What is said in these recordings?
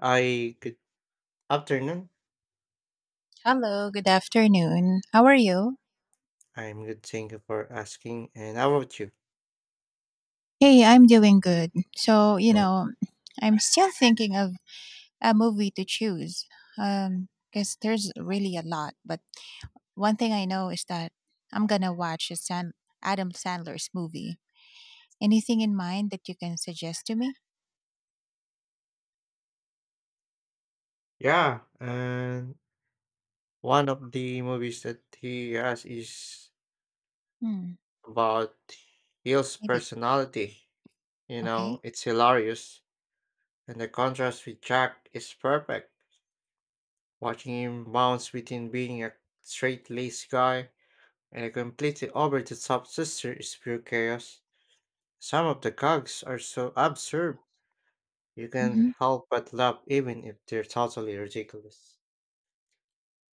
I Good afternoon. Hello, good afternoon. How are you? I'm good. Thank you for asking. And how about you? Hey, I'm doing good. So, Mm. I'm still thinking of a movie to choose, because there's really a lot. But one thing I know is that I'm going to watch a Adam Sandler's movie. Anything in mind that you can suggest to me? Yeah, and one of the movies that he has is Hmm, about Hill's maybe. personality. You Okay. know, it's hilarious, and the contrast with Jack is perfect. Watching him bounce between being a straight-laced guy and a completely over-the-top sister is pure chaos. Some of the gags are so absurd you Okay. can't Hmm. help but laugh even if they're totally ridiculous.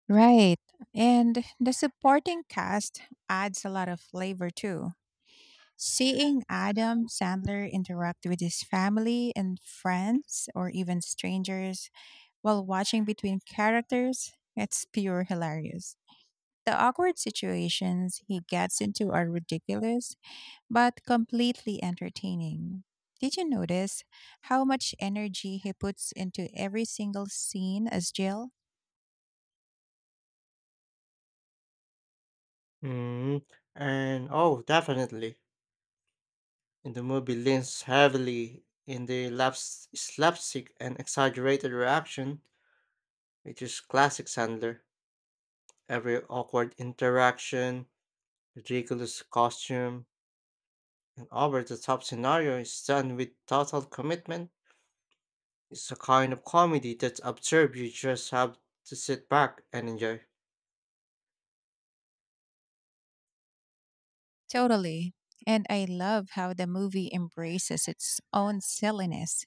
Right. And the supporting cast adds a lot of flavor too. Seeing Adam Sandler interact with his family and friends, or even strangers, while watching between characters, it's pure hilarious. The awkward situations he gets into are ridiculous, but completely entertaining. Did you notice how much energy he puts into every single scene as Jill? Mm, and oh, definitely. In the movie leans heavily in the slapstick and exaggerated reaction, which is classic Sandler. Every awkward interaction, ridiculous costume, and over-the-top scenario is done with total commitment. It's a kind of comedy that's absurd you just have to sit back and enjoy. Totally. And I love how the movie embraces its own silliness.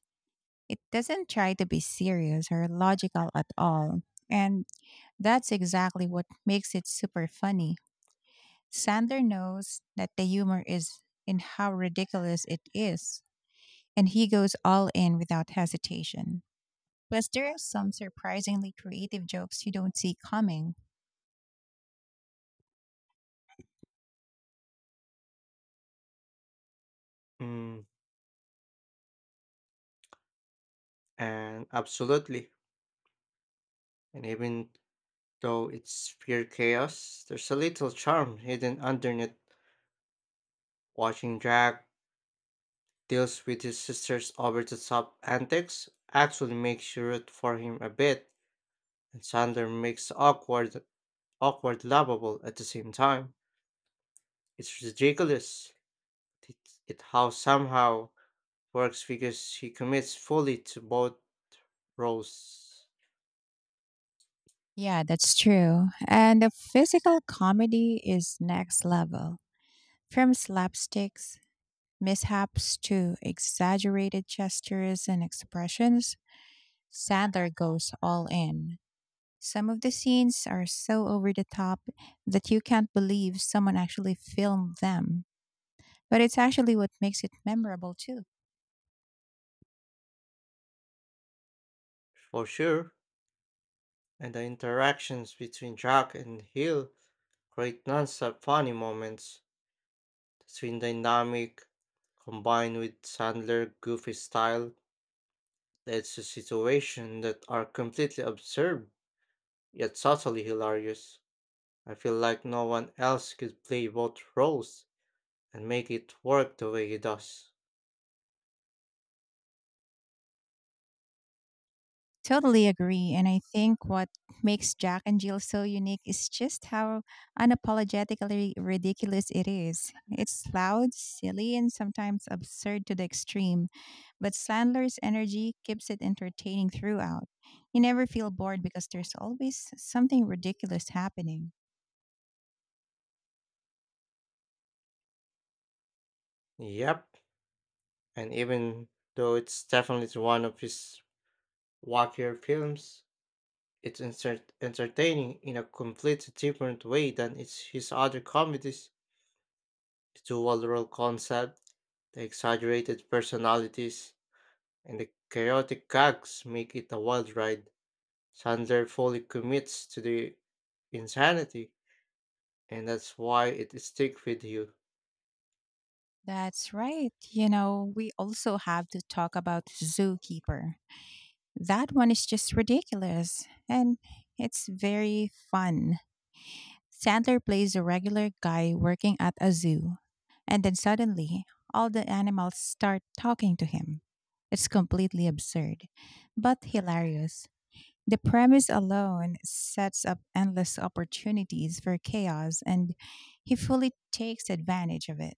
It doesn't try to be serious or logical at all. And that's exactly what makes it super funny. Sandler knows that the humor is in how ridiculous it is, and he goes all in without hesitation. Plus, there are some surprisingly creative jokes you don't see coming. Mm, and Absolutely. And even though it's pure chaos, there's a little charm hidden underneath. Watching Jack deals with his sister's over the top antics actually makes you root for him a bit, and Sander makes the awkward lovable at the same time. It's ridiculous. It, it how Somehow works because he commits fully to both roles Yeah, that's true. And the physical comedy is next level. From slapsticks, mishaps to exaggerated gestures and expressions, Sandler goes all in. Some of the scenes are so over the top that you can't believe someone actually filmed them. But it's actually what makes it memorable, too. for sure, and the interactions between Jack and Hill create nonstop funny moments. Swing dynamic combined with Sandler's goofy style leads to situations that are completely absurd yet subtly hilarious. I feel like no one else could play both roles and make it work the way he does. Totally agree. And I think what makes Jack and Jill so unique is just how unapologetically ridiculous it is. It's loud, silly, and sometimes absurd to the extreme, but Sandler's energy keeps it entertaining throughout. You never feel bored because there's always something ridiculous happening. Yep, and even though it's definitely one of his wackier films, it's entertaining in a completely different way than it's his other comedies. The dual-role concept, the exaggerated personalities, and the chaotic gags make it a wild ride. Sandler fully commits to the insanity, and that's why it sticks with you. That's right. You know, we also have to talk about Zookeeper. That one is just ridiculous, and it's very fun. Sandler plays a regular guy working at a zoo, and then suddenly all the animals start talking to him. It's completely absurd, but hilarious. The premise alone sets up endless opportunities for chaos, and he fully takes advantage of it.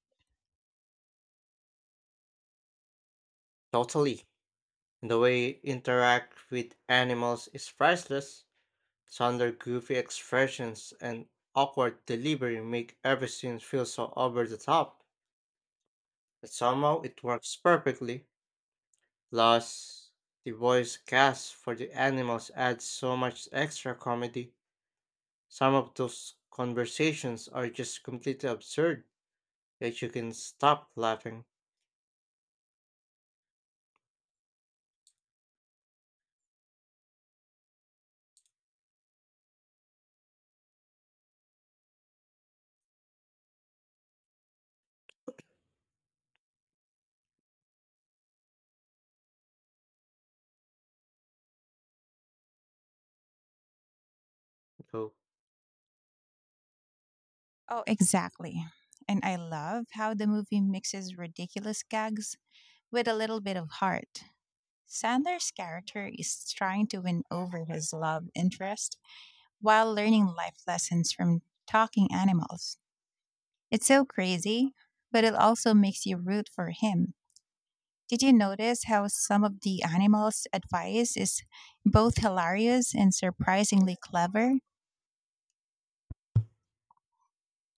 Totally. And the way you interact with animals is priceless. Sandler's goofy expressions and awkward delivery make every scene feel so over the top, but somehow it works perfectly. Plus, the voice cast for the animals adds so much extra comedy. Some of those conversations are just completely absurd that you can stop laughing. Go, Oh, exactly. And I love how the movie mixes ridiculous gags with a little bit of heart. Sandler's character is trying to win over his love interest while learning life lessons from talking animals. It's so crazy, but it also makes you root for him. Did you notice how some of the animals' advice is both hilarious and surprisingly clever?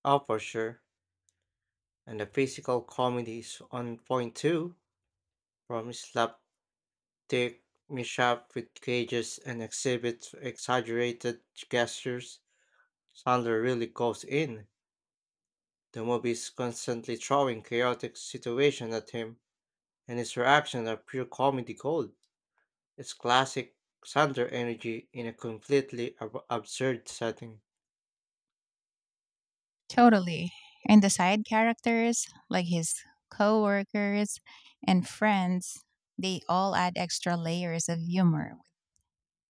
oh, for sure. And the physical comedy is on point too, from slapstick mishap with cages and exhibits exaggerated gestures. Sandler really goes in. The movie is constantly throwing chaotic situations at him and his reactions are pure comedy gold. It's classic Xander energy in a completely absurd setting. Totally. And the side characters, like his coworkers and friends, they all add extra layers of humor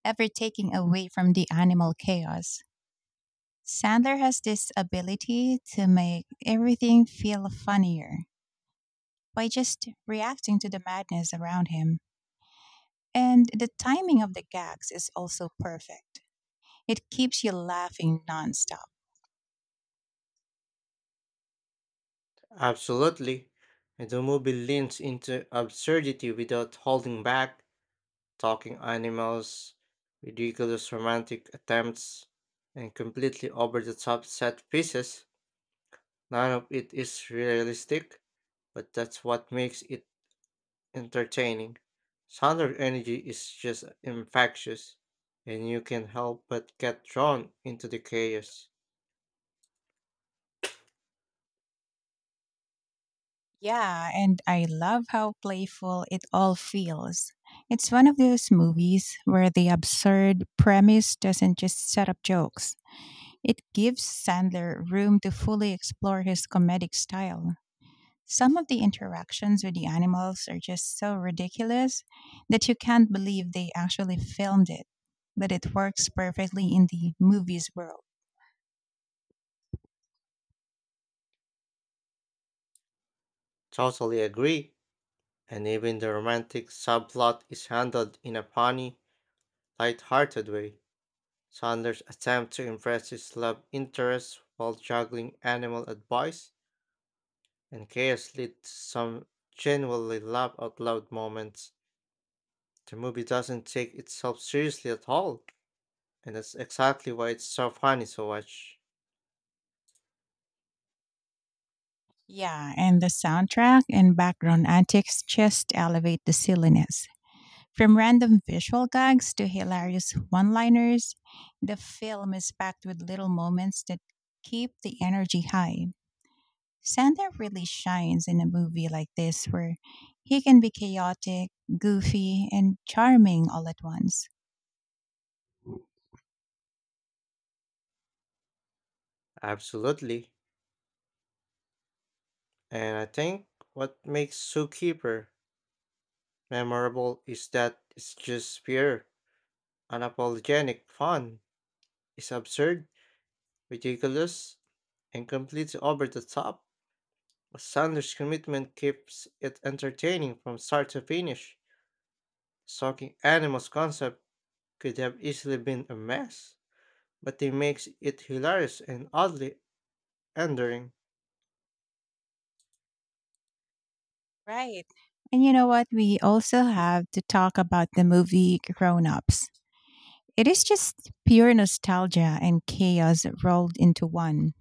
ever taking away from the animal chaos. Sandler has this ability to make everything feel funnier by just reacting to the madness around him. And the timing of the gags is also perfect. It keeps you laughing nonstop. Absolutely. And the movie leans into absurdity without holding back, talking animals, ridiculous romantic attempts, and completely over the top set pieces. None of it is realistic, but that's what makes it entertaining. Solar energy is just infectious, and you can help but get drawn into the chaos. Yeah, and I love how playful it all feels. It's one of those movies where the absurd premise doesn't just set up jokes, it gives Sandler room to fully explore his comedic style. Some of the interactions with the animals are just so ridiculous that you can't believe they actually filmed it, but it works perfectly in the movies world. Totally agree. And even the romantic subplot is handled in a funny, light-hearted way. Sanders' attempt to impress his love interest while juggling animal advice and chaos lead to some genuinely laugh-out-loud moments. The movie doesn't take itself seriously at all, and that's exactly why it's so funny to watch. Yeah, and the soundtrack and background antics just elevate the silliness. From random visual gags to hilarious one liners, the film is packed with little moments that keep the energy high. Sander really shines in a movie like this where he can be chaotic, goofy, and charming all at once. Absolutely. And I think what makes Zookeeper memorable is that it's just pure, unapologetic fun. It's absurd, ridiculous, and completely over the top. But Sanders' commitment keeps it entertaining from start to finish. Stalking animals concept could have easily been a mess, but he makes it hilarious and oddly endearing. Right. And you know what? We also have to talk about the movie Grown Ups. It is just pure nostalgia and chaos rolled into one.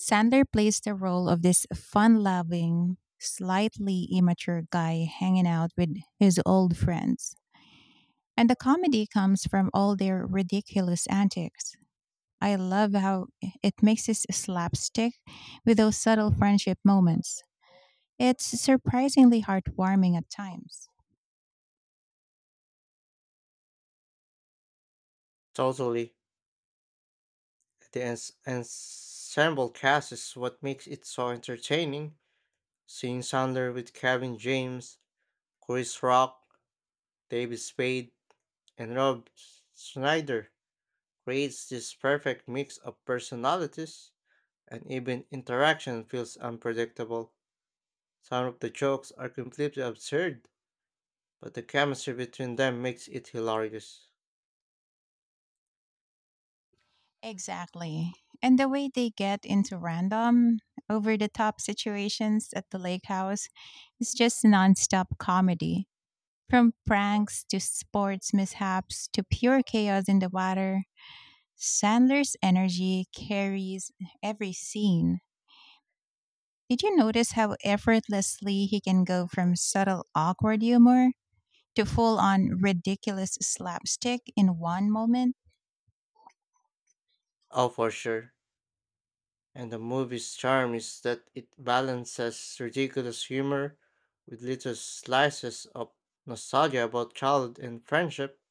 Sandler plays the role of this fun loving, slightly immature guy hanging out with his old friends. And the comedy comes from all their ridiculous antics. I love how it mixes slapstick with those subtle friendship moments. It's surprisingly heartwarming at times. Totally, the ensemble cast is what makes it so entertaining. Seeing Sandler with Kevin James, Chris Rock, David Spade, and Rob Schneider creates this perfect mix of personalities, and even interaction feels unpredictable. Some of the jokes are completely absurd, but the chemistry between them makes it hilarious. Exactly. And the way they get into random, over the top situations at the lake house is just nonstop comedy. From pranks to sports mishaps to pure chaos in the water, Sandler's energy carries every scene. Did you notice how effortlessly he can go from subtle, awkward humor to full on ridiculous slapstick in one moment? Oh, for sure. And the movie's charm is that it balances ridiculous humor with little slices of nostalgia about childhood and friendship.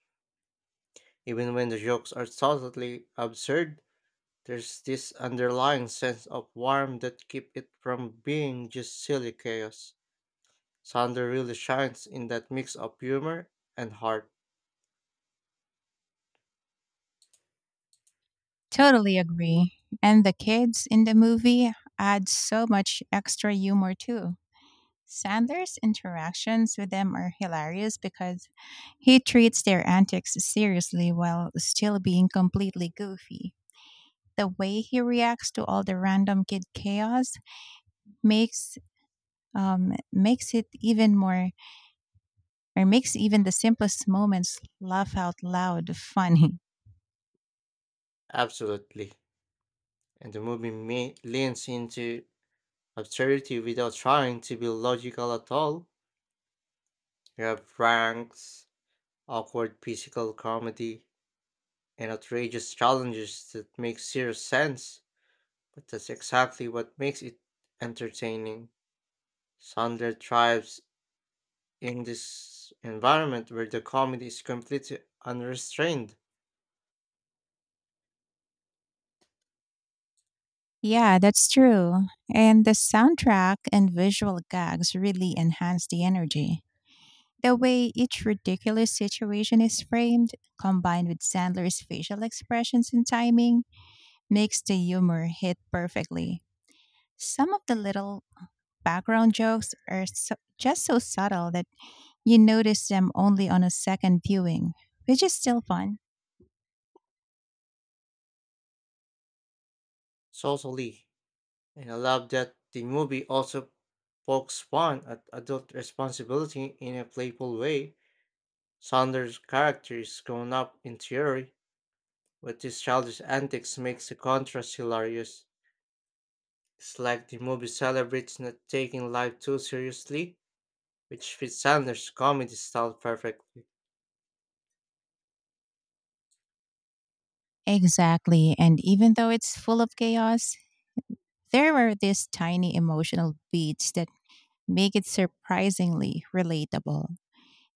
Even when the jokes are totally absurd, there's this underlying sense of warmth that keeps it from being just silly chaos. Sander really shines in that mix of humor and heart, Totally agree. And the kids in the movie add so much extra humor too. Sandler's interactions with them are hilarious because he treats their antics seriously while still being completely goofy. The way he reacts to all the random kid chaos makes makes it even more, or makes even the simplest moments laugh out loud funny. absolutely. And the movie leans into absurdity without trying to be logical at all. You have pranks, awkward physical comedy, and outrageous challenges that make serious sense, but that's exactly what makes it entertaining. Sandler thrives in this environment where the comedy is completely unrestrained Yeah, that's true. And the soundtrack and visual gags really enhance the energy. The way each ridiculous situation is framed, combined with Sandler's facial expressions and timing, makes the humor hit perfectly. Some of the little background jokes are just so subtle that you notice them only on a second viewing, which is still fun. socially, and I love that the movie also pokes fun at adult responsibility in a playful way. Sanders' character is grown up in theory, but his childish antics makes the contrast hilarious. It's like the movie celebrates not taking life too seriously, which fits Sanders' comedy style perfectly. Exactly. And even though it's full of chaos, there are these tiny emotional beats that make it surprisingly relatable.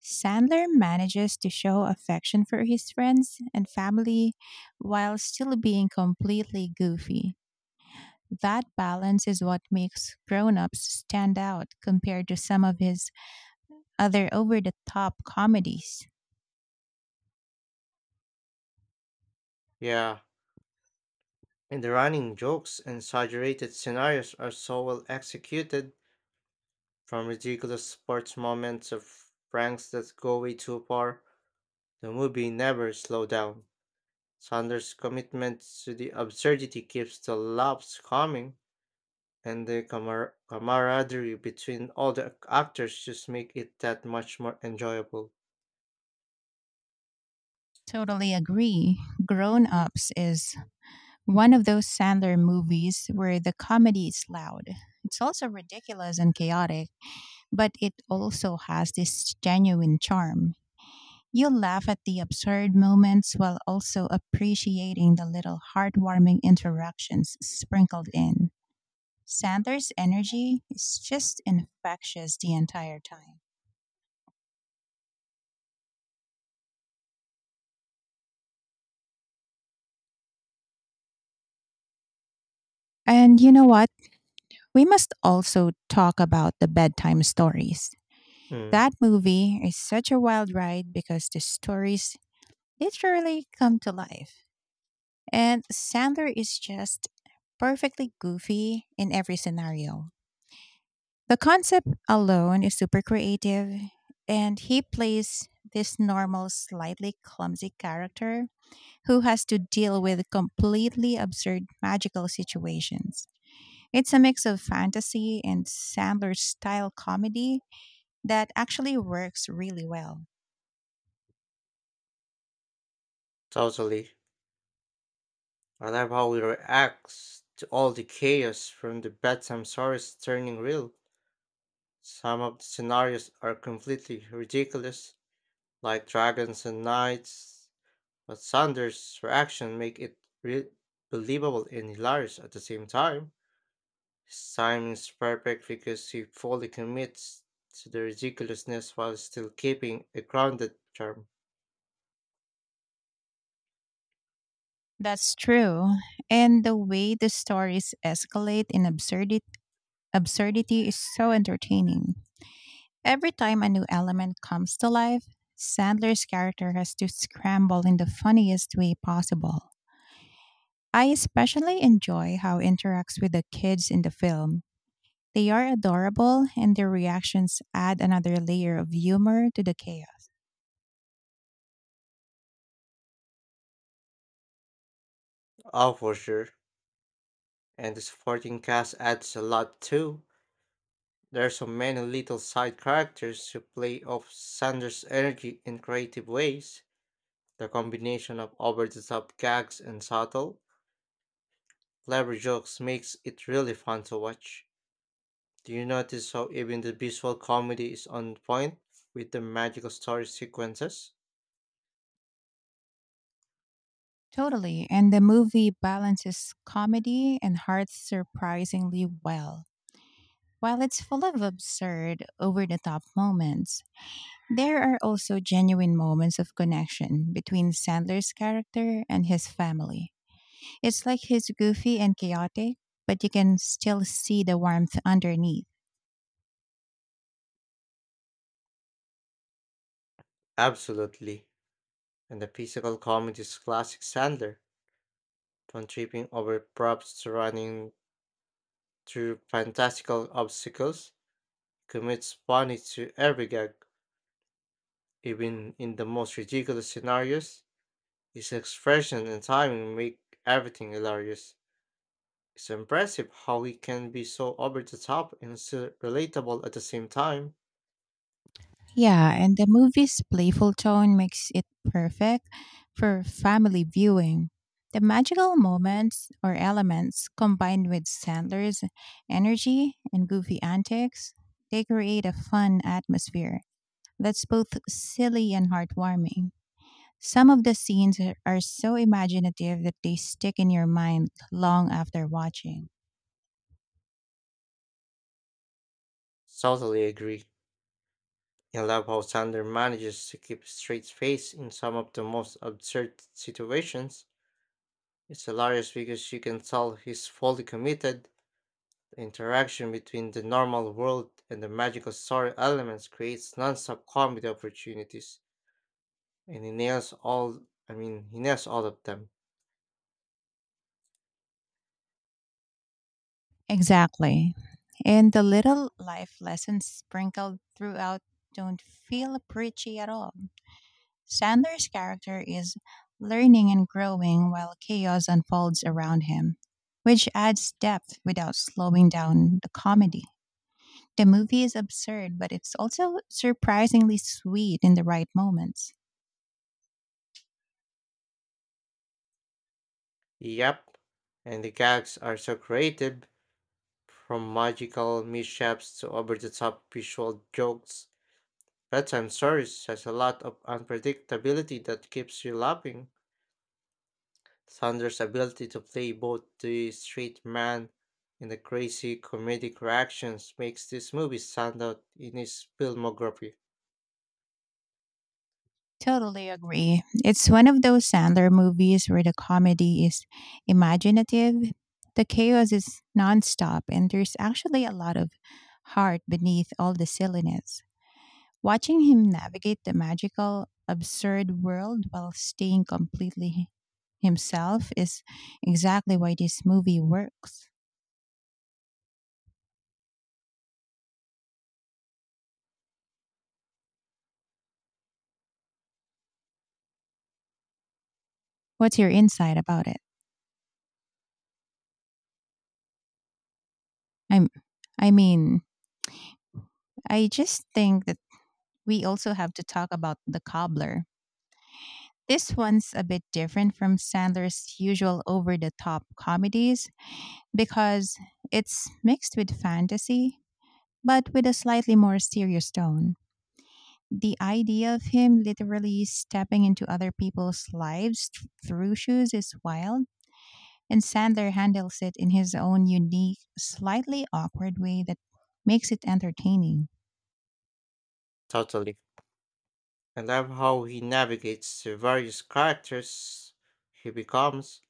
Sandler manages to show affection for his friends and family while still being completely goofy. That balance is what makes Grown Ups stand out compared to some of his other over the top comedies. Yeah. And the running jokes and exaggerated scenarios are so well executed, from ridiculous sports moments of pranks that go way too far, the movie never slows down. Sanders' commitment to the absurdity keeps the laughs coming, and the camaraderie between all the actors just make it that much more enjoyable. Totally agree. Grown Ups is one of those Sandler movies where the comedy is loud. It's also ridiculous and chaotic, but it also has this genuine charm. You'll laugh at the absurd moments while also appreciating the little heartwarming interactions sprinkled in. Sanders' energy is just infectious the entire time. And you know what? We must also talk about the bedtime stories. Mm, That movie is such a wild ride because the stories literally come to life. And Sandler is just perfectly goofy in every scenario. The concept alone is super creative, and he plays this normal, slightly clumsy character who has to deal with completely absurd magical situations. It's a mix of fantasy and Sandler style comedy that actually works really well. Totally. I love how it reacts to all the chaos from the bedtime stories turning real. Some of the scenarios are completely ridiculous, like dragons and knights, but Sanders' reaction make it believable and hilarious at the same time. His timing is perfect because he fully commits to the ridiculousness while still keeping a grounded charm. That's true. And the way the stories escalate in absurdity is so entertaining. Every time a new element comes to life, Sandler's character has to scramble in the funniest way possible. I especially enjoy how he interacts with the kids in the film. They are adorable, and their reactions add another layer of humor to the chaos. Oh, for sure. And the supporting cast adds a lot too. There are so many little side characters who play off Sanders' energy in creative ways. The combination of over the top gags and subtle, clever jokes makes it really fun to watch. Do you notice how even the visual comedy is on point with the magical story sequences? Totally, and the movie balances comedy and heart surprisingly well. While it's full of absurd, over the top moments, there are also genuine moments of connection between Sandler's character and his family. It's like he's goofy and chaotic, but you can still see the warmth underneath. Absolutely. And the physical comedy is classic Sandler, from tripping over props to running through fantastical obstacles, commits funny to every gag. Even in the most ridiculous scenarios, his expression and timing make everything hilarious. It's impressive how we can be so over the top and still relatable at the same time. Yeah, and the movie's playful tone makes it perfect for family viewing. The magical moments or elements combined with Sandler's energy and goofy antics, they create a fun atmosphere that's both silly and heartwarming. Some of the scenes are so imaginative that they stick in your mind long after watching. Totally agree. I love how Sander manages to keep a straight face in some of the most absurd situations. It's hilarious because you can tell he's fully committed. The interaction between the normal world and the magical story elements creates non-stop comedy opportunities, and he nails all. I mean, he nails all of them. Exactly. And the little life lessons sprinkled throughout don't feel preachy at all. Sandler's character is learning and growing while chaos unfolds around him, which adds depth without slowing down the comedy. The movie is absurd, but it's also surprisingly sweet in the right moments. Yep, and the gags are so creative from magical mishaps to over the top visual jokes, bedtime stories has a lot of unpredictability that keeps you laughing. Sanders' ability to play both the straight man and the crazy comedic reactions makes this movie stand out in his filmography. Totally agree. It's one of those Sandler movies where the comedy is imaginative, the chaos is nonstop, and there's actually a lot of heart beneath all the silliness. Watching him navigate the magical, absurd world while staying completely himself is exactly why this movie works. What's your insight about it? I'm I mean, I just think that we also have to talk about the cobbler. This one's a bit different from Sandler's usual over the top comedies because it's mixed with fantasy, but with a slightly more serious tone. The idea of him literally stepping into other people's lives through shoes is wild, and Sandler handles it in his own unique, slightly awkward way that makes it entertaining. Totally. I love how he navigates the various characters he becomes.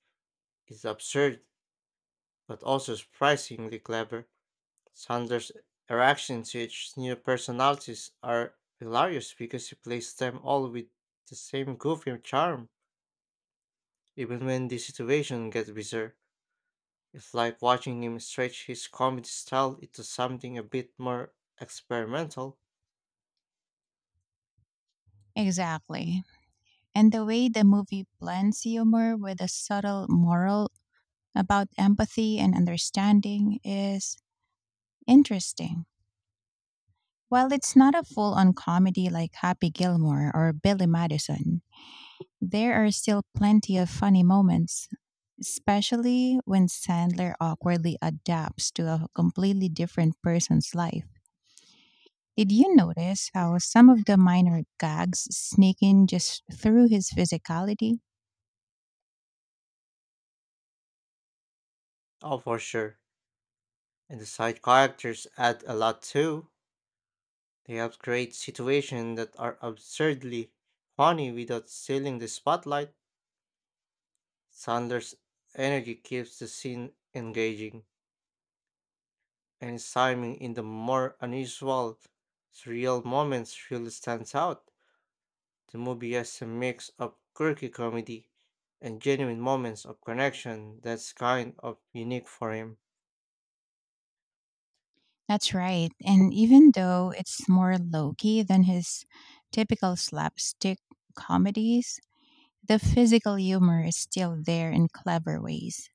It's absurd, but also surprisingly clever. Sanders' interactions with new personalities are hilarious because he plays them all with the same goofy charm, even when the situation gets bizarre. It's like watching him stretch his comedy style into something a bit more experimental. Exactly. And the way the movie blends humor with a subtle moral about empathy and understanding is interesting. While it's not a full on comedy like Happy Gilmore or Billy Madison, there are still plenty of funny moments, especially when Sandler awkwardly adapts to a completely different person's life. Did you notice how some of the minor gags sneak in just through his physicality? Oh, for sure. And the side characters add a lot too. They help create situations that are absurdly funny without stealing the spotlight. Sanders' energy keeps the scene engaging, and Simon in the more unusual, surreal moments really stands out. The movie has a mix of quirky comedy and genuine moments of connection that's kind of unique for him. That's right. And even though it's more low key than his typical slapstick comedies, the physical humor is still there in clever ways.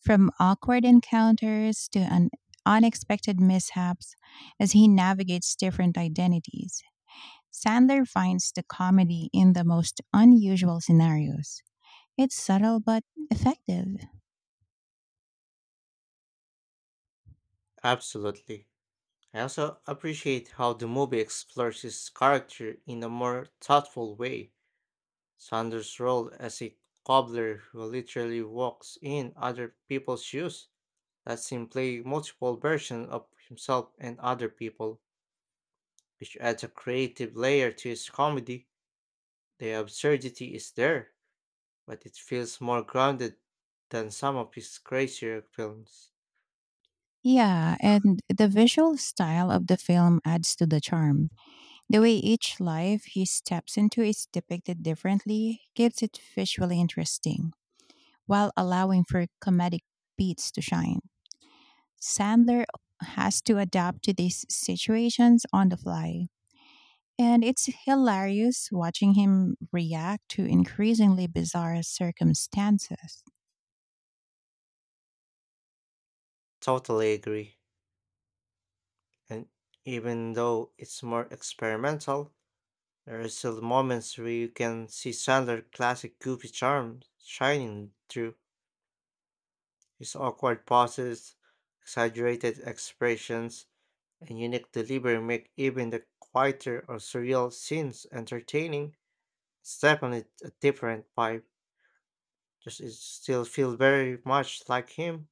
From awkward encounters to unexpected mishaps as he navigates different identities, Sandler finds the comedy in the most unusual scenarios. It's subtle but effective. Absolutely. I also appreciate how the movie explores his character in a more thoughtful way. Sanders' role as a cobbler who literally walks in other people's shoes lets him play multiple versions of himself and other people, which adds a creative layer to his comedy. The absurdity is there, but it feels more grounded than some of his crazier films. Yeah, and the visual style of the film adds to the charm. The way each life he steps into is depicted differently keeps it visually interesting, while allowing for comedic beats to shine. Sandler has to adapt to these situations on the fly, and it's hilarious watching him react to increasingly bizarre circumstances. Totally agree. And even though it's more experimental, there are still moments where you can see Sandler's classic goofy charm shining through. His awkward pauses, exaggerated expressions, and unique delivery make even the quieter or surreal scenes entertaining. It's definitely a different vibe. Just it still feels very much like him.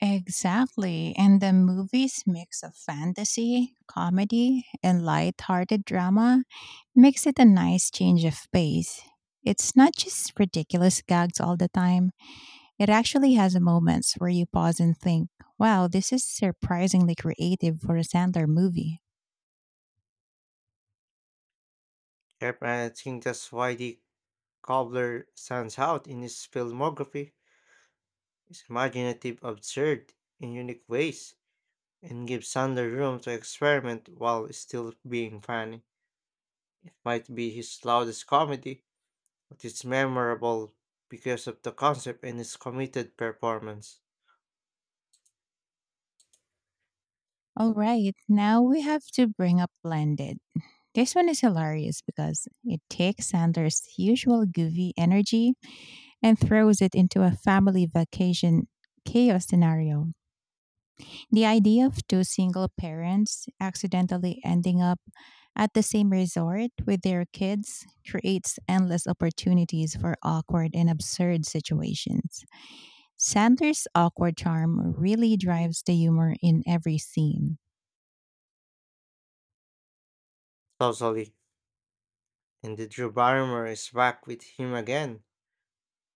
Exactly. And the movie's mix of fantasy, comedy, and light-hearted drama makes it a nice change of pace. It's not just ridiculous gags all the time. It actually has moments where you pause and think, wow, this is surprisingly creative for a Sandler movie. Yep, and I think that's why the cobbler stands out in his filmography. It's imaginative, absurd, in unique ways, and gives Sander room to experiment while still being funny. It might be his loudest comedy, but it's memorable because of the concept and his committed performance. All right, now we have to bring up Blended. This one is hilarious because it takes Sandler's usual goofy energy and throws it into a family vacation chaos scenario. The idea of two single parents accidentally ending up at the same resort with their kids creates endless opportunities for awkward and absurd situations. Sandler's awkward charm really drives the humor in every scene. Totally. And the Drew Barrymore is back with him again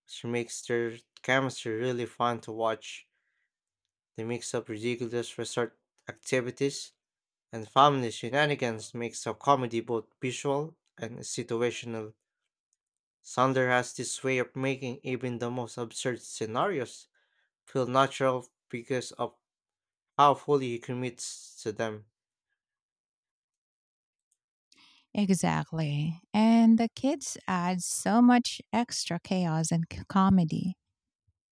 which makes their chemistry really fun to watch. The mix of ridiculous resort activities and family shenanigans makes a comedy both visual and situational. Sander has this way of making even the most absurd scenarios feel natural because of how fully he commits to them. Exactly. And the kids add so much extra chaos and comedy.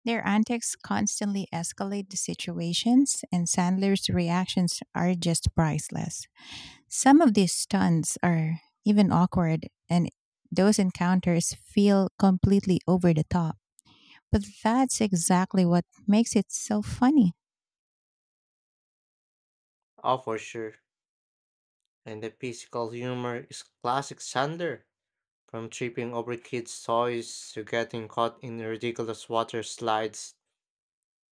Their antics constantly escalate the situations, and Sandler's reactions are just priceless. Some of these stunts are even awkward, and those encounters feel completely over the top. But that's exactly what makes it so funny. Oh, for sure. And the physical humor is classic Sander, from tripping over kids' toys to getting caught in ridiculous water slides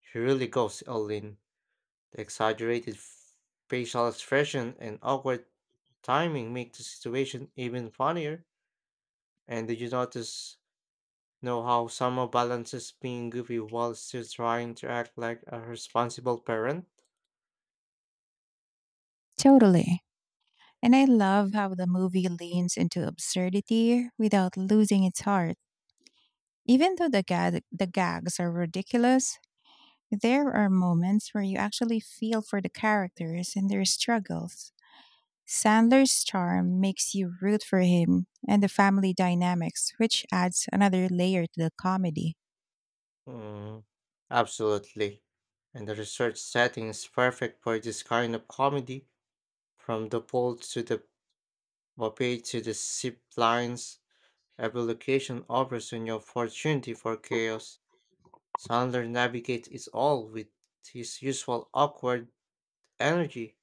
she really goes all in. The exaggerated facial expression and awkward timing make the situation even funnier. And did you notice know how Summer balances being goofy while still trying to act like a responsible parent? Totally. And I love how the movie leans into absurdity without losing its heart. Even though the gags are ridiculous, there are moments where you actually feel for the characters and their struggles. Sandler's charm makes you root for him and the family dynamics, which adds another layer to the comedy. Mm, Absolutely. And the research setting is perfect for this kind of comedy, from the pool to the buffet to the zip lines. Every location offers an opportunity for chaos. Sandler navigates it all with his usual awkward energy,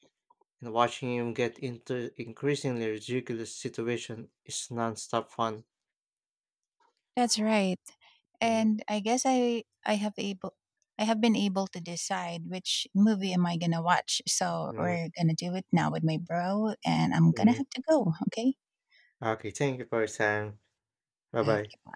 and watching him get into increasingly ridiculous situations is non-stop fun. That's right. Mhm, And I guess I have been able to decide which movie am I gonna watch. So mhm, we're gonna do it now with my bro, and I'm gonna mhm. have to go. Okay. Okay, thank you for your time. Bye bye. Okay.